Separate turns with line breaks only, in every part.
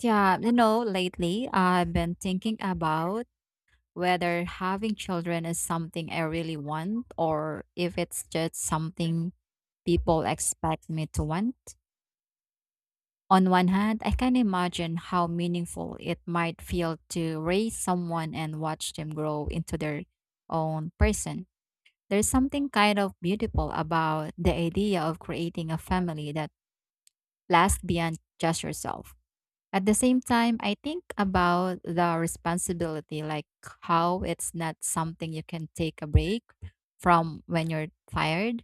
Yeah, lately I've been thinking about whether having children is something I really want or if it's just something people expect me to want. On one hand, I can imagine how meaningful it might feel to raise someone and watch them grow into their own person. There's something kind of beautiful about the idea of creating a family that lasts beyond just yourself. At the same time, I think about the responsibility, like how it's not something you can take a break from when you're tired.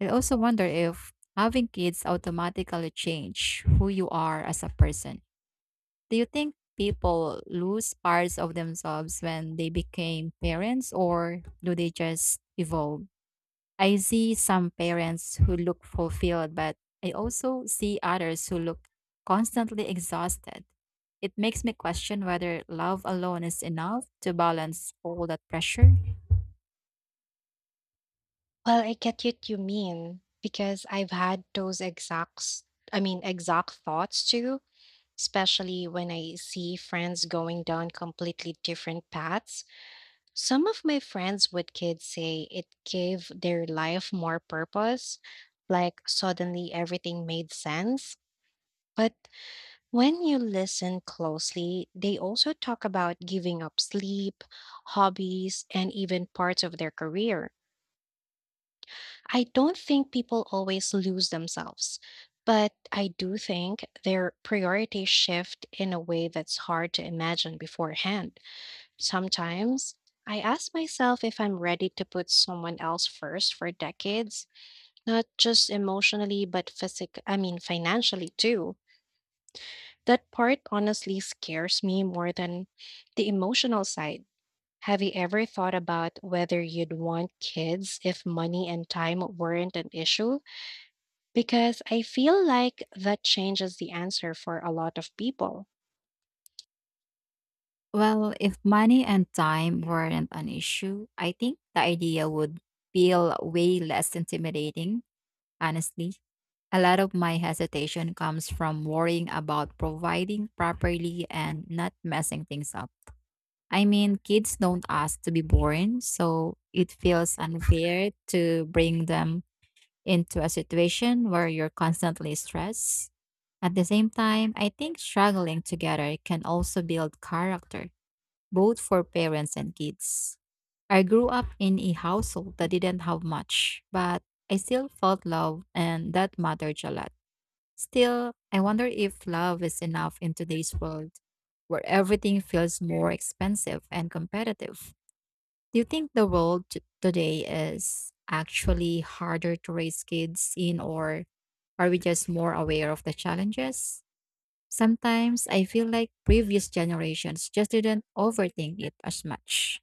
I also wonder if having kids automatically change who you are as a person. Do you think people lose parts of themselves when they became parents or do they just evolve? I see some parents who look fulfilled, but I also see others who look constantly exhausted. It makes me question whether love alone is enough to balance all that pressure.
Well, I get what you mean because I've had those exact thoughts too, especially when I see friends going down completely different paths. Some of my friends with kids say it gave their life more purpose, like suddenly everything made sense. But when you listen closely, they also talk about giving up sleep, hobbies, and even parts of their career. I don't think people always lose themselves, but I do think their priorities shift in a way that's hard to imagine beforehand. Sometimes I ask myself if I'm ready to put someone else first for decades, not just emotionally, but physic financially too. That part honestly scares me more than the emotional side. Have you ever thought about whether you'd want kids if money and time weren't an issue? Because I feel like that changes the answer for a lot of people.
Well, if money and time weren't an issue, I think the idea would feel way less intimidating, honestly. A lot of my hesitation comes from worrying about providing properly and not messing things up. I mean, kids don't ask to be born, so it feels unfair to bring them into a situation where you're constantly stressed. At the same time, I think struggling together can also build character, both for parents and kids. I grew up in a household that didn't have much, but I still felt love, and that mattered a lot. Still, I wonder if love is enough in today's world where everything feels more expensive and competitive. Do you think the world today is actually harder to raise kids in, or are we just more aware of the challenges? Sometimes I feel like previous generations just didn't overthink it as much.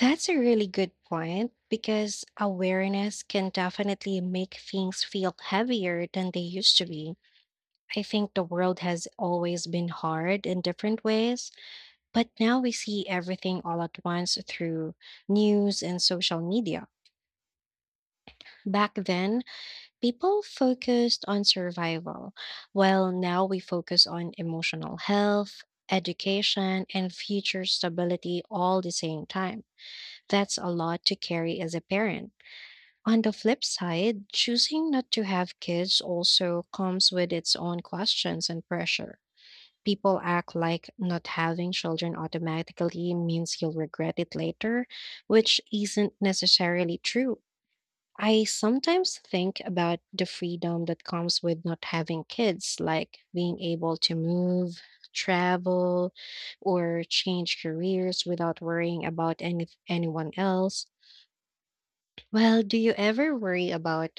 That's a really good point because awareness can definitely make things feel heavier than they used to be. I think the world has always been hard in different ways, but now we see everything all at once through news and social media. Back then, people focused on survival, while now we focus on emotional health, education, and future stability all the same time. That's a lot to carry as a parent. On the flip side, choosing not to have kids also comes with its own questions and pressure. People act like not having children automatically means you'll regret it later, which isn't necessarily true. I sometimes think about the freedom that comes with not having kids, like being able to move, travel, or change careers without worrying about anyone else. Well, do you ever worry about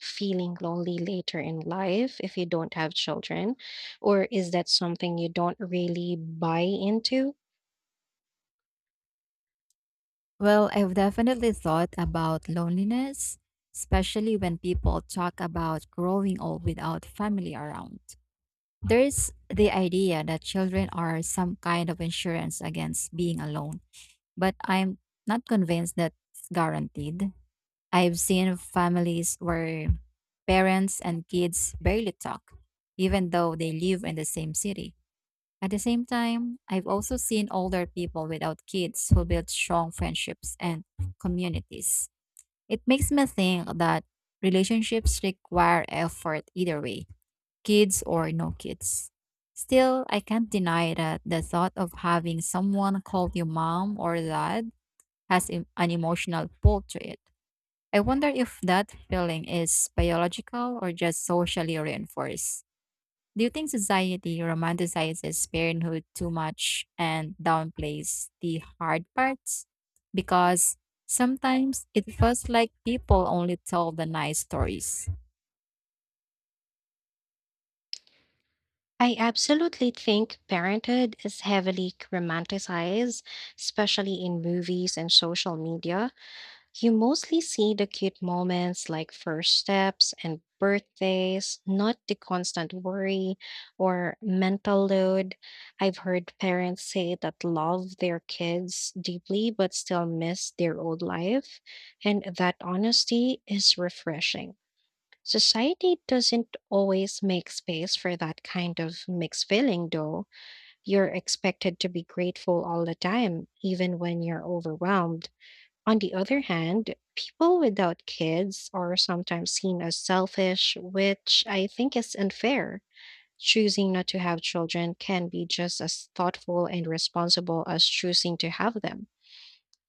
feeling lonely later in life if you don't have children? Or is that something you don't really buy into?
Well, I've definitely thought about loneliness, especially when people talk about growing old without family around. There's the idea that children are some kind of insurance against being alone, but I'm not convinced that's guaranteed. I've seen families where parents and kids barely talk, even though they live in the same city. At the same time, I've also seen older people without kids who build strong friendships and communities. It makes me think that relationships require effort either way, kids or no kids. Still, I can't deny that the thought of having someone call you mom or dad has an emotional pull to it. I wonder if that feeling is biological or just socially reinforced. Do you think society romanticizes parenthood too much and downplays the hard parts? Because sometimes it feels like people only tell the nice stories.
I absolutely think parenthood is heavily romanticized, especially in movies and social media. You mostly see the cute moments like first steps and birthdays, not the constant worry or mental load. I've heard parents say that love their kids deeply but still miss their old life, and that honesty is refreshing. Society doesn't always make space for that kind of mixed feeling, though. You're expected to be grateful all the time, even when you're overwhelmed. On the other hand, people without kids are sometimes seen as selfish, which I think is unfair. Choosing not to have children can be just as thoughtful and responsible as choosing to have them.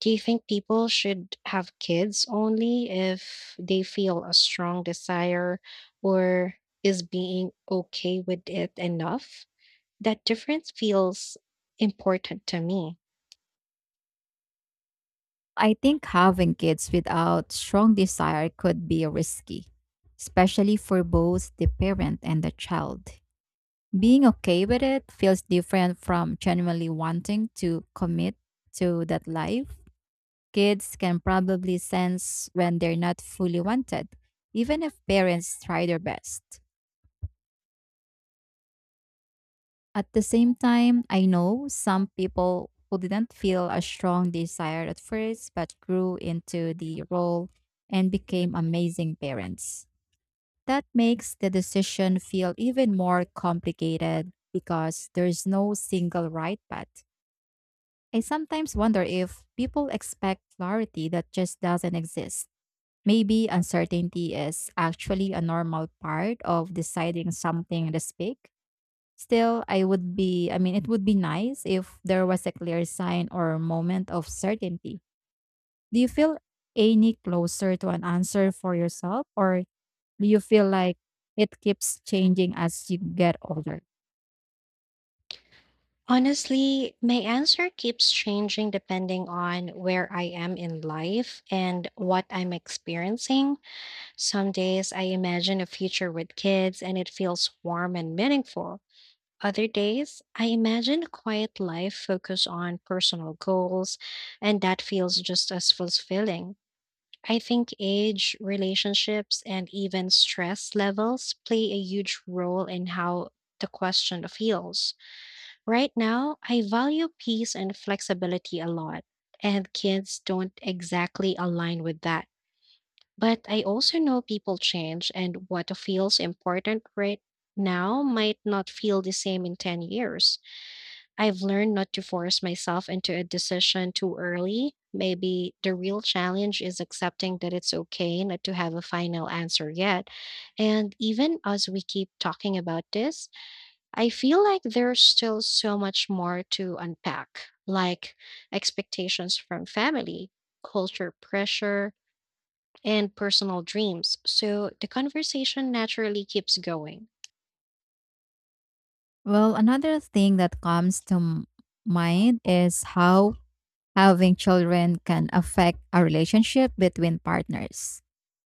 Do you think people should have kids only if they feel a strong desire or is being okay with it enough? That difference feels important to me.
I think having kids without strong desire could be risky, especially for both the parent and the child. Being okay with it feels different from genuinely wanting to commit to that life. Kids can probably sense when they're not fully wanted, even if parents try their best. At the same time, I know some people who didn't feel a strong desire at first but grew into the role and became amazing parents. That makes the decision feel even more complicated because there's no single right path. I sometimes wonder if people expect clarity that just doesn't exist. Maybe uncertainty is actually a normal part of deciding something this big. Still, I mean, it would be nice if there was a clear sign or moment of certainty. Do you feel any closer to an answer for yourself, or do you feel like it keeps changing as you get older?
Honestly, my answer keeps changing depending on where I am in life and what I'm experiencing. Some days I imagine a future with kids and it feels warm and meaningful. Other days, I imagine a quiet life focused on personal goals, and that feels just as fulfilling. I think age, relationships, and even stress levels play a huge role in how the question feels. Right now, I value peace and flexibility a lot, and kids don't exactly align with that. But I also know people change, and what feels important right now might not feel the same in 10 years. I've learned not to force myself into a decision too early. Maybe the real challenge is accepting that it's okay not to have a final answer yet. And even as we keep talking about this, I feel like there's still so much more to unpack, like expectations from family, culture pressure, and personal dreams. So the conversation naturally keeps going.
Well, another thing that comes to mind is how having children can affect a relationship between partners.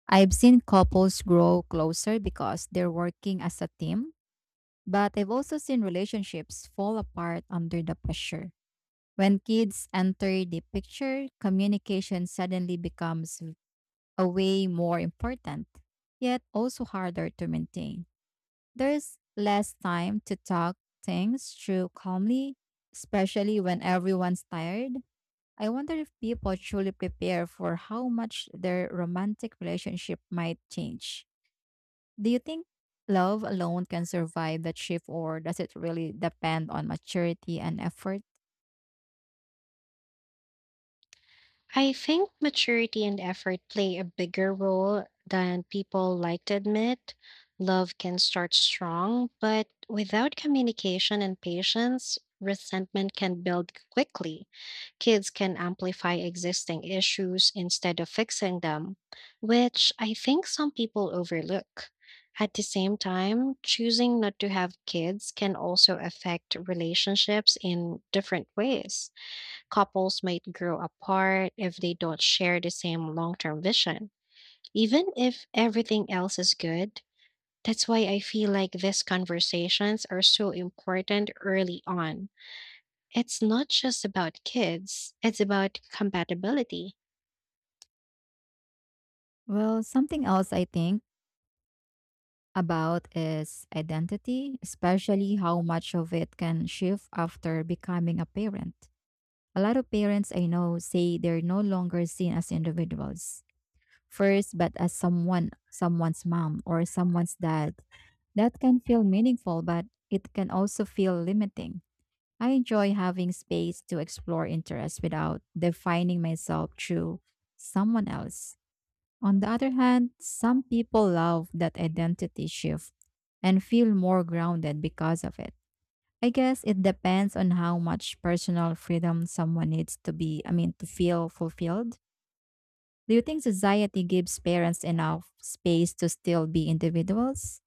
I've seen couples grow closer because they're working as a team, but I've also seen relationships fall apart under the pressure. When kids enter the picture, communication suddenly becomes a way more important, yet also harder to maintain. There's less time to talk things through calmly, especially when everyone's tired. I wonder if people truly prepare for how much their romantic relationship might change. Do you think love alone can survive that shift, or does it really depend on maturity and effort?
I think maturity and effort play a bigger role than people like to admit. Love can start strong, but without communication and patience, resentment can build quickly. Kids can amplify existing issues instead of fixing them, which I think some people overlook. At the same time, choosing not to have kids can also affect relationships in different ways. Couples might grow apart if they don't share the same long term vision. Even if everything else is good, that's why I feel like these conversations are so important early on. It's not just about kids, it's about compatibility.
Well, something else I think about is identity, especially how much of it can shift after becoming a parent. A lot of parents I know say they're no longer seen as individuals first, but as someone, someone's mom or someone's dad. That can feel meaningful, but it can also feel limiting. I enjoy having space to explore interests without defining myself through someone else. On the other hand, some people love that identity shift and feel more grounded because of it. I guess it depends on how much personal freedom someone needs I mean, to feel fulfilled. Do you think society gives parents enough space to still be individuals?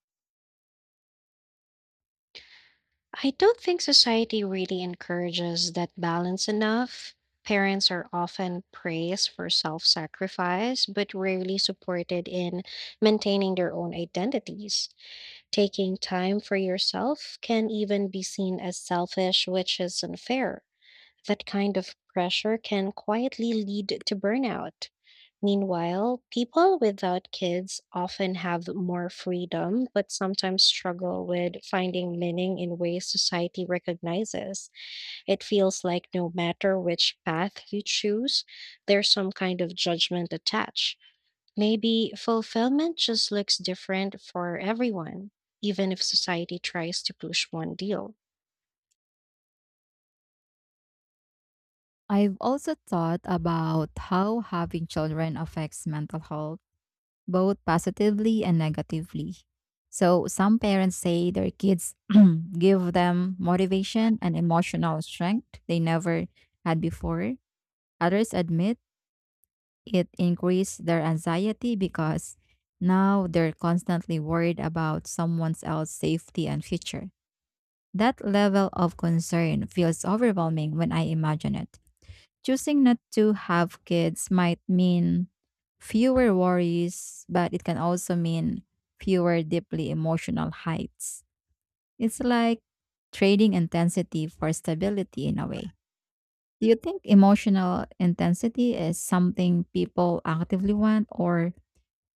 I don't think society really encourages that balance enough. Parents are often praised for self sacrifice, but rarely supported in maintaining their own identities. Taking time for yourself can even be seen as selfish, which is unfair. That kind of pressure can quietly lead to burnout. Meanwhile, people without kids often have more freedom, but sometimes struggle with finding meaning in ways society recognizes. It feels like no matter which path you choose, there's some kind of judgment attached. Maybe fulfillment just looks different for everyone, even if society tries to push one deal.
I've also thought about how having children affects mental health, both positively and negatively. So, some parents say their kids give them motivation and emotional strength they never had before. Others admit it increased their anxiety because now they're constantly worried about someone else's safety and future. That level of concern feels overwhelming when I imagine it. Choosing not to have kids might mean fewer worries, but it can also mean fewer deeply emotional heights. It's like trading intensity for stability in a way. Do you think emotional intensity is something people actively want, or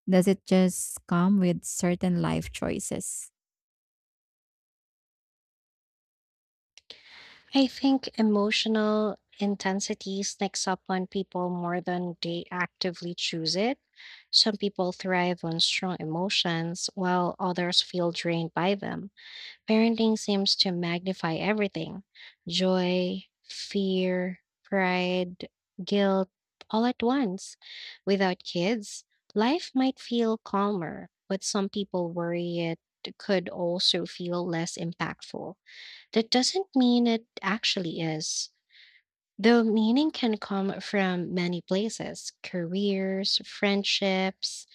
does it just come with certain life choices?
I think emotional intensity sneaks up on people more than they actively choose it. Some people thrive on strong emotions, while others feel drained by them. Parenting seems to magnify everything joy, fear, pride, guilt, all at once. Without kids, life might feel calmer, but some people worry it could also feel less impactful. That doesn't mean it actually is. Though meaning can come from many places, careers, friendships,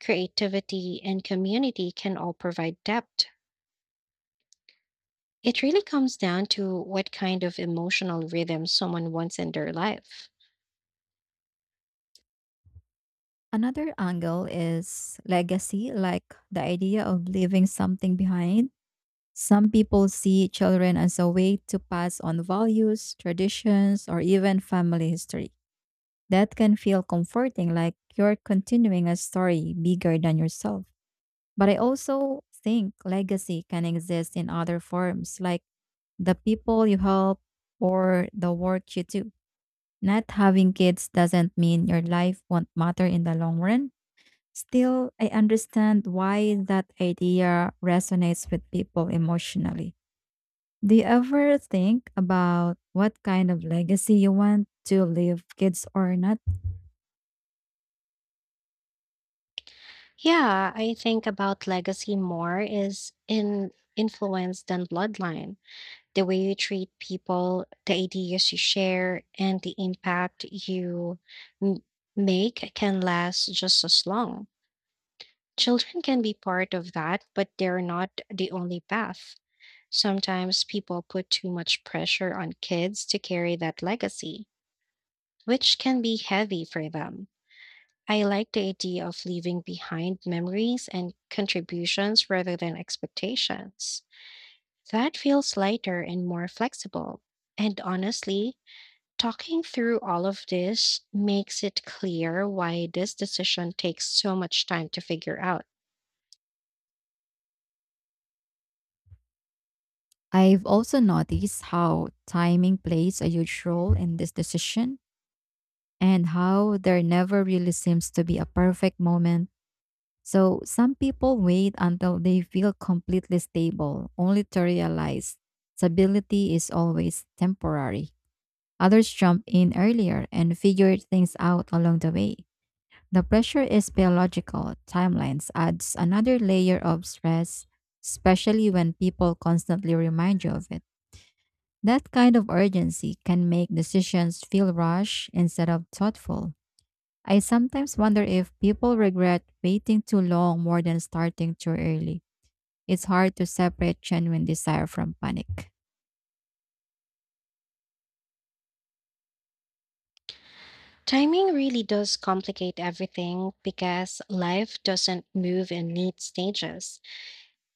creativity, and community can all provide depth. It really comes down to what kind of emotional rhythm someone wants in their life.
Another angle is legacy, like the idea of leaving something behind. Some people see children as a way to pass on values, traditions, or even family history. That can feel comforting, like you're continuing a story bigger than yourself. But I also think legacy can exist in other forms, like the people you help or the work you do. Not having kids doesn't mean your life won't matter in the long run. Still, I understand why that idea resonates with people emotionally. Do you ever think about what kind of legacy you want to leave, kids or not?
Yeah, I think about legacy more is in influence than bloodline. The way you treat people, the ideas you share, and the impact you m- make can last just as long. Children can be part of that, but they're not the only path. Sometimes people put too much pressure on kids to carry that legacy, which can be heavy for them. I like the idea of leaving behind memories and contributions rather than expectations. That feels lighter and more flexible. And honestly, talking through all of this makes it clear why this decision takes so much time to figure out.
I've also noticed how timing plays a huge role in this decision and how there never really seems to be a perfect moment. So some people wait until they feel completely stable, only to realize stability is always temporary. Others jump in earlier and figure things out along the way. The pressure is biological. Timelines adds another layer of stress, especially when people constantly remind you of it. That kind of urgency can make decisions feel rushed instead of thoughtful. I sometimes wonder if people regret waiting too long more than starting too early. It's hard to separate genuine desire from panic.
Timing really does complicate everything because life doesn't move in neat stages.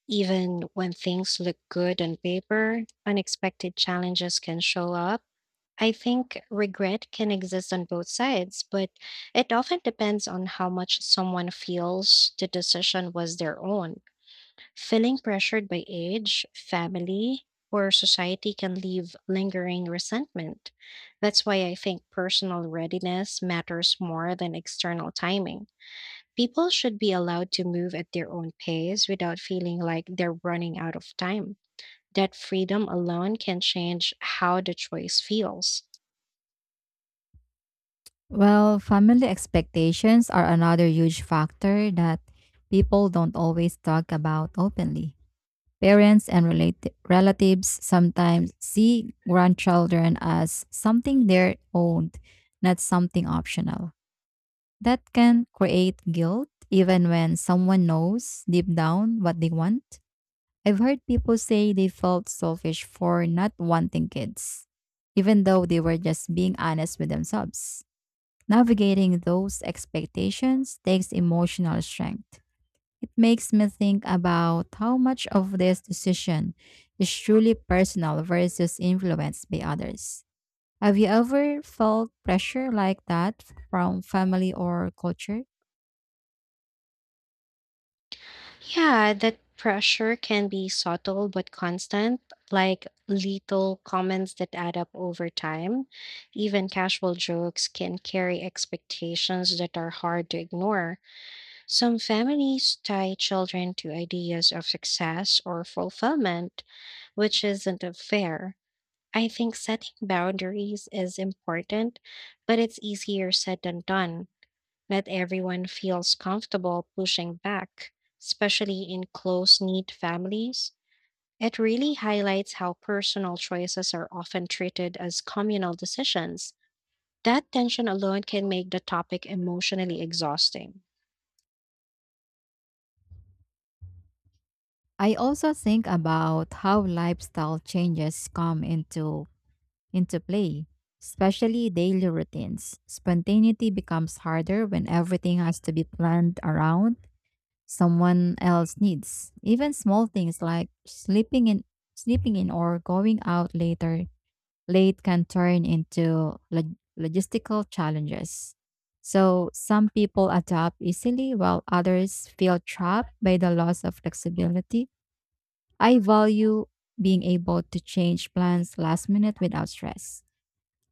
Even when things look good on paper, unexpected challenges can show up. I think regret can exist on both sides, but it often depends on how much someone feels the decision was their own. Feeling pressured by age, family, or society can leave lingering resentment. That's why I think personal readiness matters more than external timing. People should be allowed to move at their own pace without feeling like they're running out of time. That freedom alone can change how the choice feels.
Well, family expectations are another huge factor that people don't always talk about openly. Parents and relatives sometimes see grandchildren as something they're own, not something optional. That can create guilt even when someone knows deep down what they want. I've heard people say they felt selfish for not wanting kids, even though they were just being honest with themselves. Navigating those expectations takes emotional strength. It makes me think about how much of this decision is truly personal versus influenced by others. Have you ever felt pressure like that from family or culture?
Yeah, that pressure can be subtle but constant, like little comments that add up over time. Even casual jokes can carry expectations that are hard to ignore. Some families tie children to ideas of success or fulfillment, which isn't fair. I think setting boundaries is important, but it's easier said than done. Not everyone feels comfortable pushing back, especially in close knit families. It really highlights how personal choices are often treated as communal decisions. That tension alone can make the topic emotionally exhausting.
I also think about how lifestyle changes come into play, especially daily routines. Spontaneity becomes harder when everything has to be planned around someone else needs. Even small things like sleeping in or going out late can turn into logistical challenges. So some people adapt easily while others feel trapped by the loss of flexibility. I value being able to change plans last minute without stress.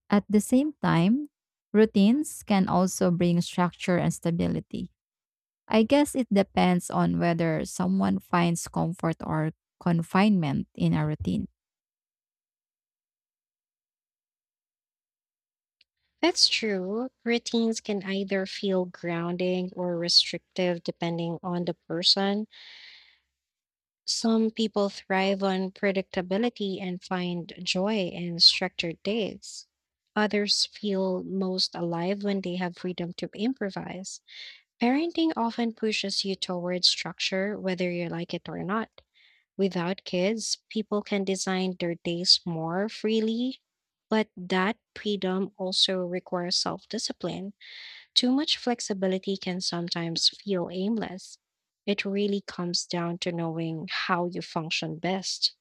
At the same time, routines can also bring structure and stability. I guess it depends on whether someone finds comfort or confinement in a routine.
That's true. Routines can either feel grounding or restrictive depending on the person. Some people thrive on predictability and find joy in structured days. Others feel most alive when they have freedom to improvise. Parenting often pushes you towards structure, whether you like it or not. Without kids, people can design their days more freely, but that freedom also requires self discipline. Too much flexibility can sometimes feel aimless. It really comes down to knowing how you function best.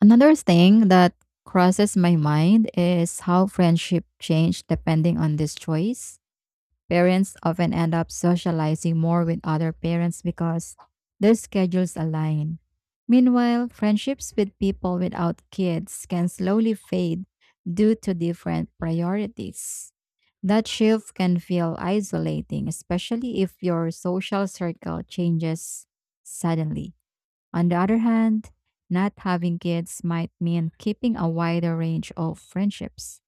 Another thing that crosses my mind is how friendship change depending on this choice. Parents often end up socializing more with other parents because their schedules align. Meanwhile, friendships with people without kids can slowly fade due to different priorities. That shift can feel isolating, especially if your social circle changes suddenly. On the other hand, not having kids might mean keeping a wider range of friendships.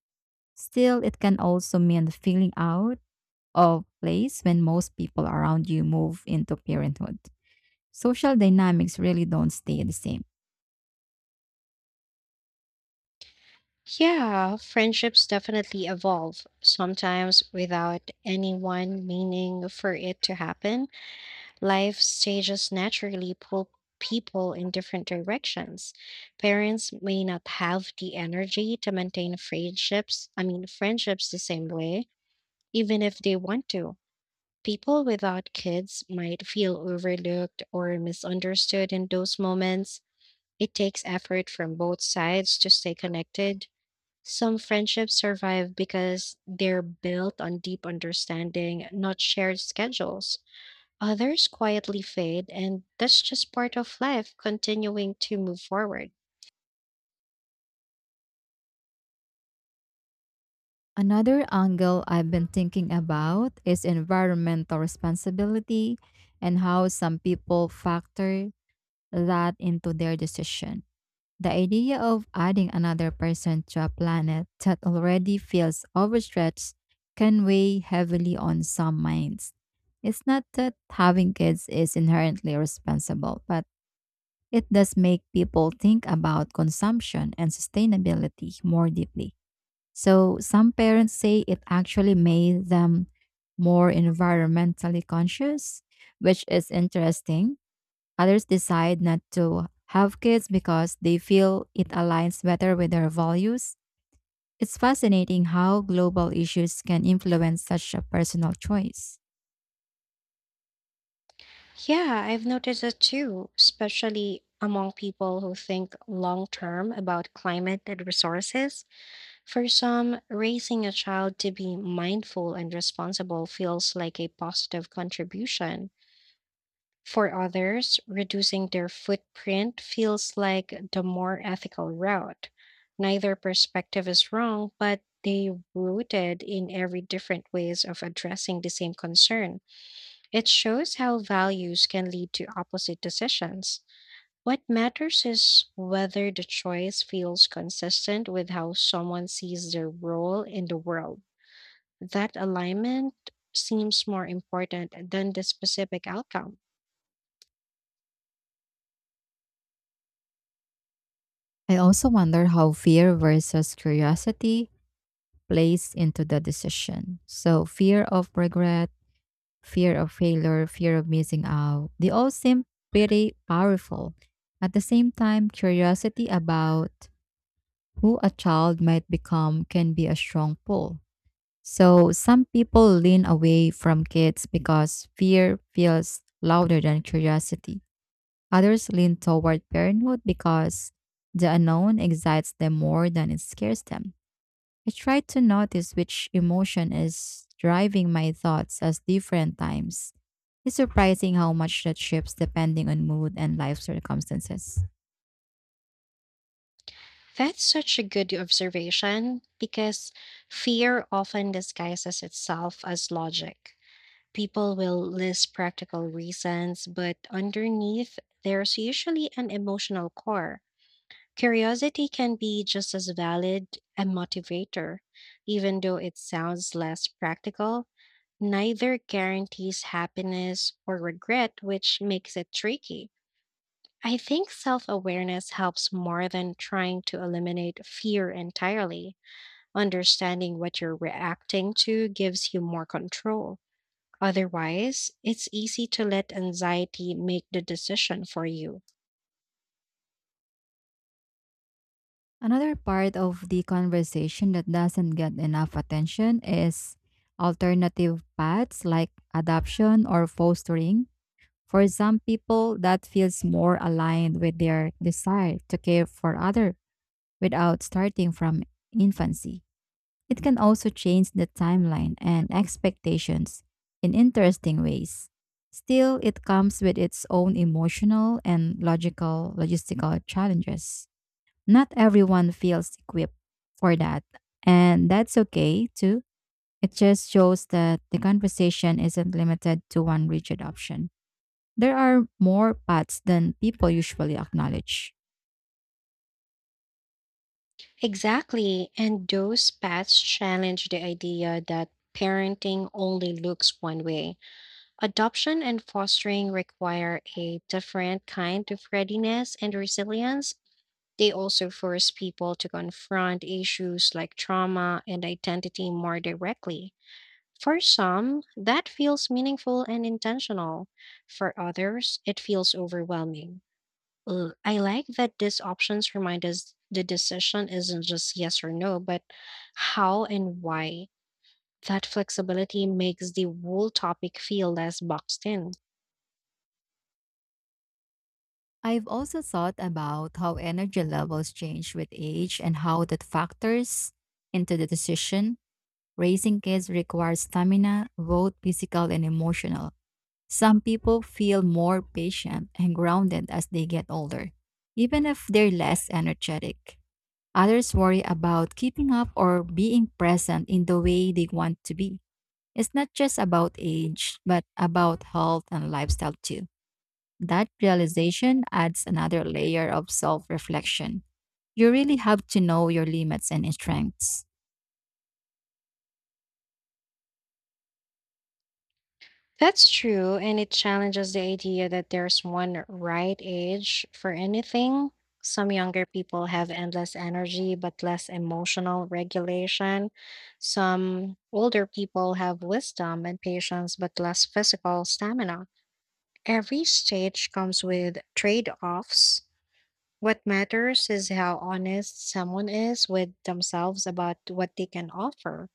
Still, it can also mean feeling out of place when most people around you move into parenthood. Social dynamics really don't stay the same.
Yeah, friendships definitely evolve. Sometimes, without any one meaning for it to happen, life stages naturally pull people in different directions. Parents may not have the energy to maintain friendships the same way, even if they want to. People without kids might feel overlooked or misunderstood in those moments. It takes effort from both sides to stay connected. Some friendships survive because they're built on deep understanding, not shared schedules. Others quietly fade, and that's just part of life continuing to move forward.
Another angle I've been thinking about is environmental responsibility and how some people factor that into their decision. The idea of adding another person to a planet that already feels overstretched can weigh heavily on some minds. It's not that having kids is inherently responsible, but it does make people think about consumption and sustainability more deeply. So, some parents say it actually made them more environmentally conscious, which is interesting. Others decide not to have kids because they feel it aligns better with their values. It's fascinating how global issues can influence such a personal choice.
Yeah, I've noticed it too, especially among people who think long term about climate and resources. For some, raising a child to be mindful and responsible feels like a positive contribution. For others, reducing their footprint feels like the more ethical route. Neither perspective is wrong, but they rooted in every different ways of addressing the same concern. It shows how values can lead to opposite decisions. What matters is whether the choice feels consistent with how someone sees their role in the world. That alignment seems more important than the specific outcome.
I also wonder how fear versus curiosity plays into the decision. So, fear of regret, fear of failure, fear of missing out, they all seem pretty powerful. At the same time, curiosity about who a child might become can be a strong pull. So, some people lean away from kids because fear feels louder than curiosity. Others lean toward parenthood because the unknown excites them more than it scares them. I try to notice which emotion is driving my thoughts at different times. It's surprising how much that shifts depending on mood and life circumstances.
That's such a good observation because fear often disguises itself as logic. People will list practical reasons, but underneath, there's usually an emotional core. Curiosity can be just as valid a motivator. Even though it sounds less practical, neither guarantees happiness or regret, which makes it tricky. I think self awareness helps more than trying to eliminate fear entirely. Understanding what you're reacting to gives you more control. Otherwise, it's easy to let anxiety make the decision for you.
Another part of the conversation that doesn't get enough attention is alternative paths like adoption or fostering. For some people, that feels more aligned with their desire to care for others without starting from infancy. It can also change the timeline and expectations in interesting ways. Still, it comes with its own emotional and logical logistical challenges. Not everyone feels equipped for that, and that's okay too. It just shows that the conversation isn't limited to one rigid option. There are more paths than people usually acknowledge.
Exactly. And those paths challenge the idea that parenting only looks one way. Adoption and fostering require a different kind of readiness and resilience. They also force people to confront issues like trauma and identity more directly. For some, that feels meaningful and intentional. For others, it feels overwhelming. Ooh, I like that these options remind us the decision isn't just yes or no, but how and why. That flexibility makes the whole topic feel less boxed in.
I've also thought about how energy levels change with age and how that factors into the decision. Raising kids requires stamina, both physical and emotional. Some people feel more patient and grounded as they get older, even if they're less energetic. Others worry about keeping up or being present in the way they want to be. It's not just about age, but about health and lifestyle too. That realization adds another layer of self reflection. You really have to know your limits and strengths.
That's true, and it challenges the idea that there's one right age for anything. Some younger people have endless energy but less emotional regulation. Some older people have wisdom and patience but less physical stamina. Every stage comes with trade offs. What matters is how honest someone is with themselves about what they can offer.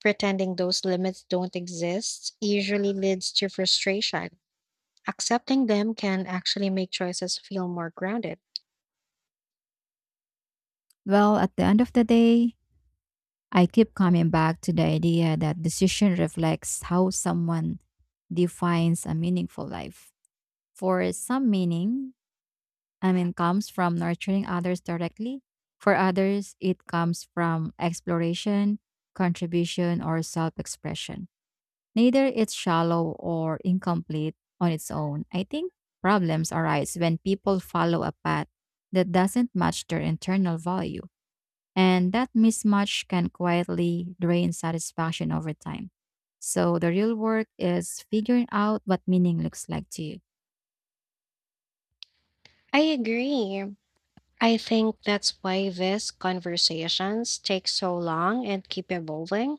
Pretending those limits don't exist usually leads to frustration. Accepting them can actually make choices feel more grounded.
Well, at the end of the day, I keep coming back to the idea that decision reflects how someone defines a meaningful life. For some meaning, I mean, comes from nurturing others directly. For others, it comes from exploration, contribution, or self expression. Neither it's shallow or incomplete on its own. I think problems arise when people follow a path that doesn't match their internal value, and that mismatch can quietly drain satisfaction over time. So the real work is figuring out what meaning looks like to you.
I agree. I think that's why these conversations take so long and keep evolving.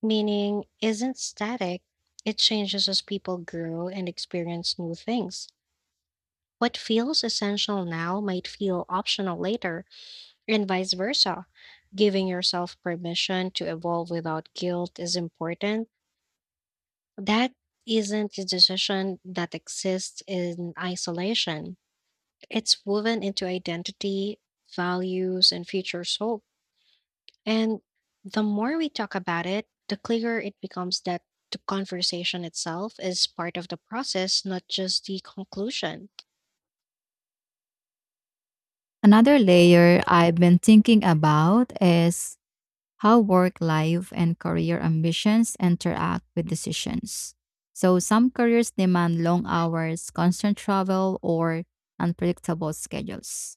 Meaning isn't static, it changes as people grow and experience new things. What feels essential now might feel optional later, and vice versa. Giving yourself permission to evolve without guilt is important. That isn't a decision that exists in isolation. It's woven into identity, values, and future hope. And the more we talk about it, the clearer it becomes that the conversation itself is part of the process, not just the conclusion.
Another layer I've been thinking about is how work life and career ambitions interact with decisions. So, some careers demand long hours, constant travel, or unpredictable schedules.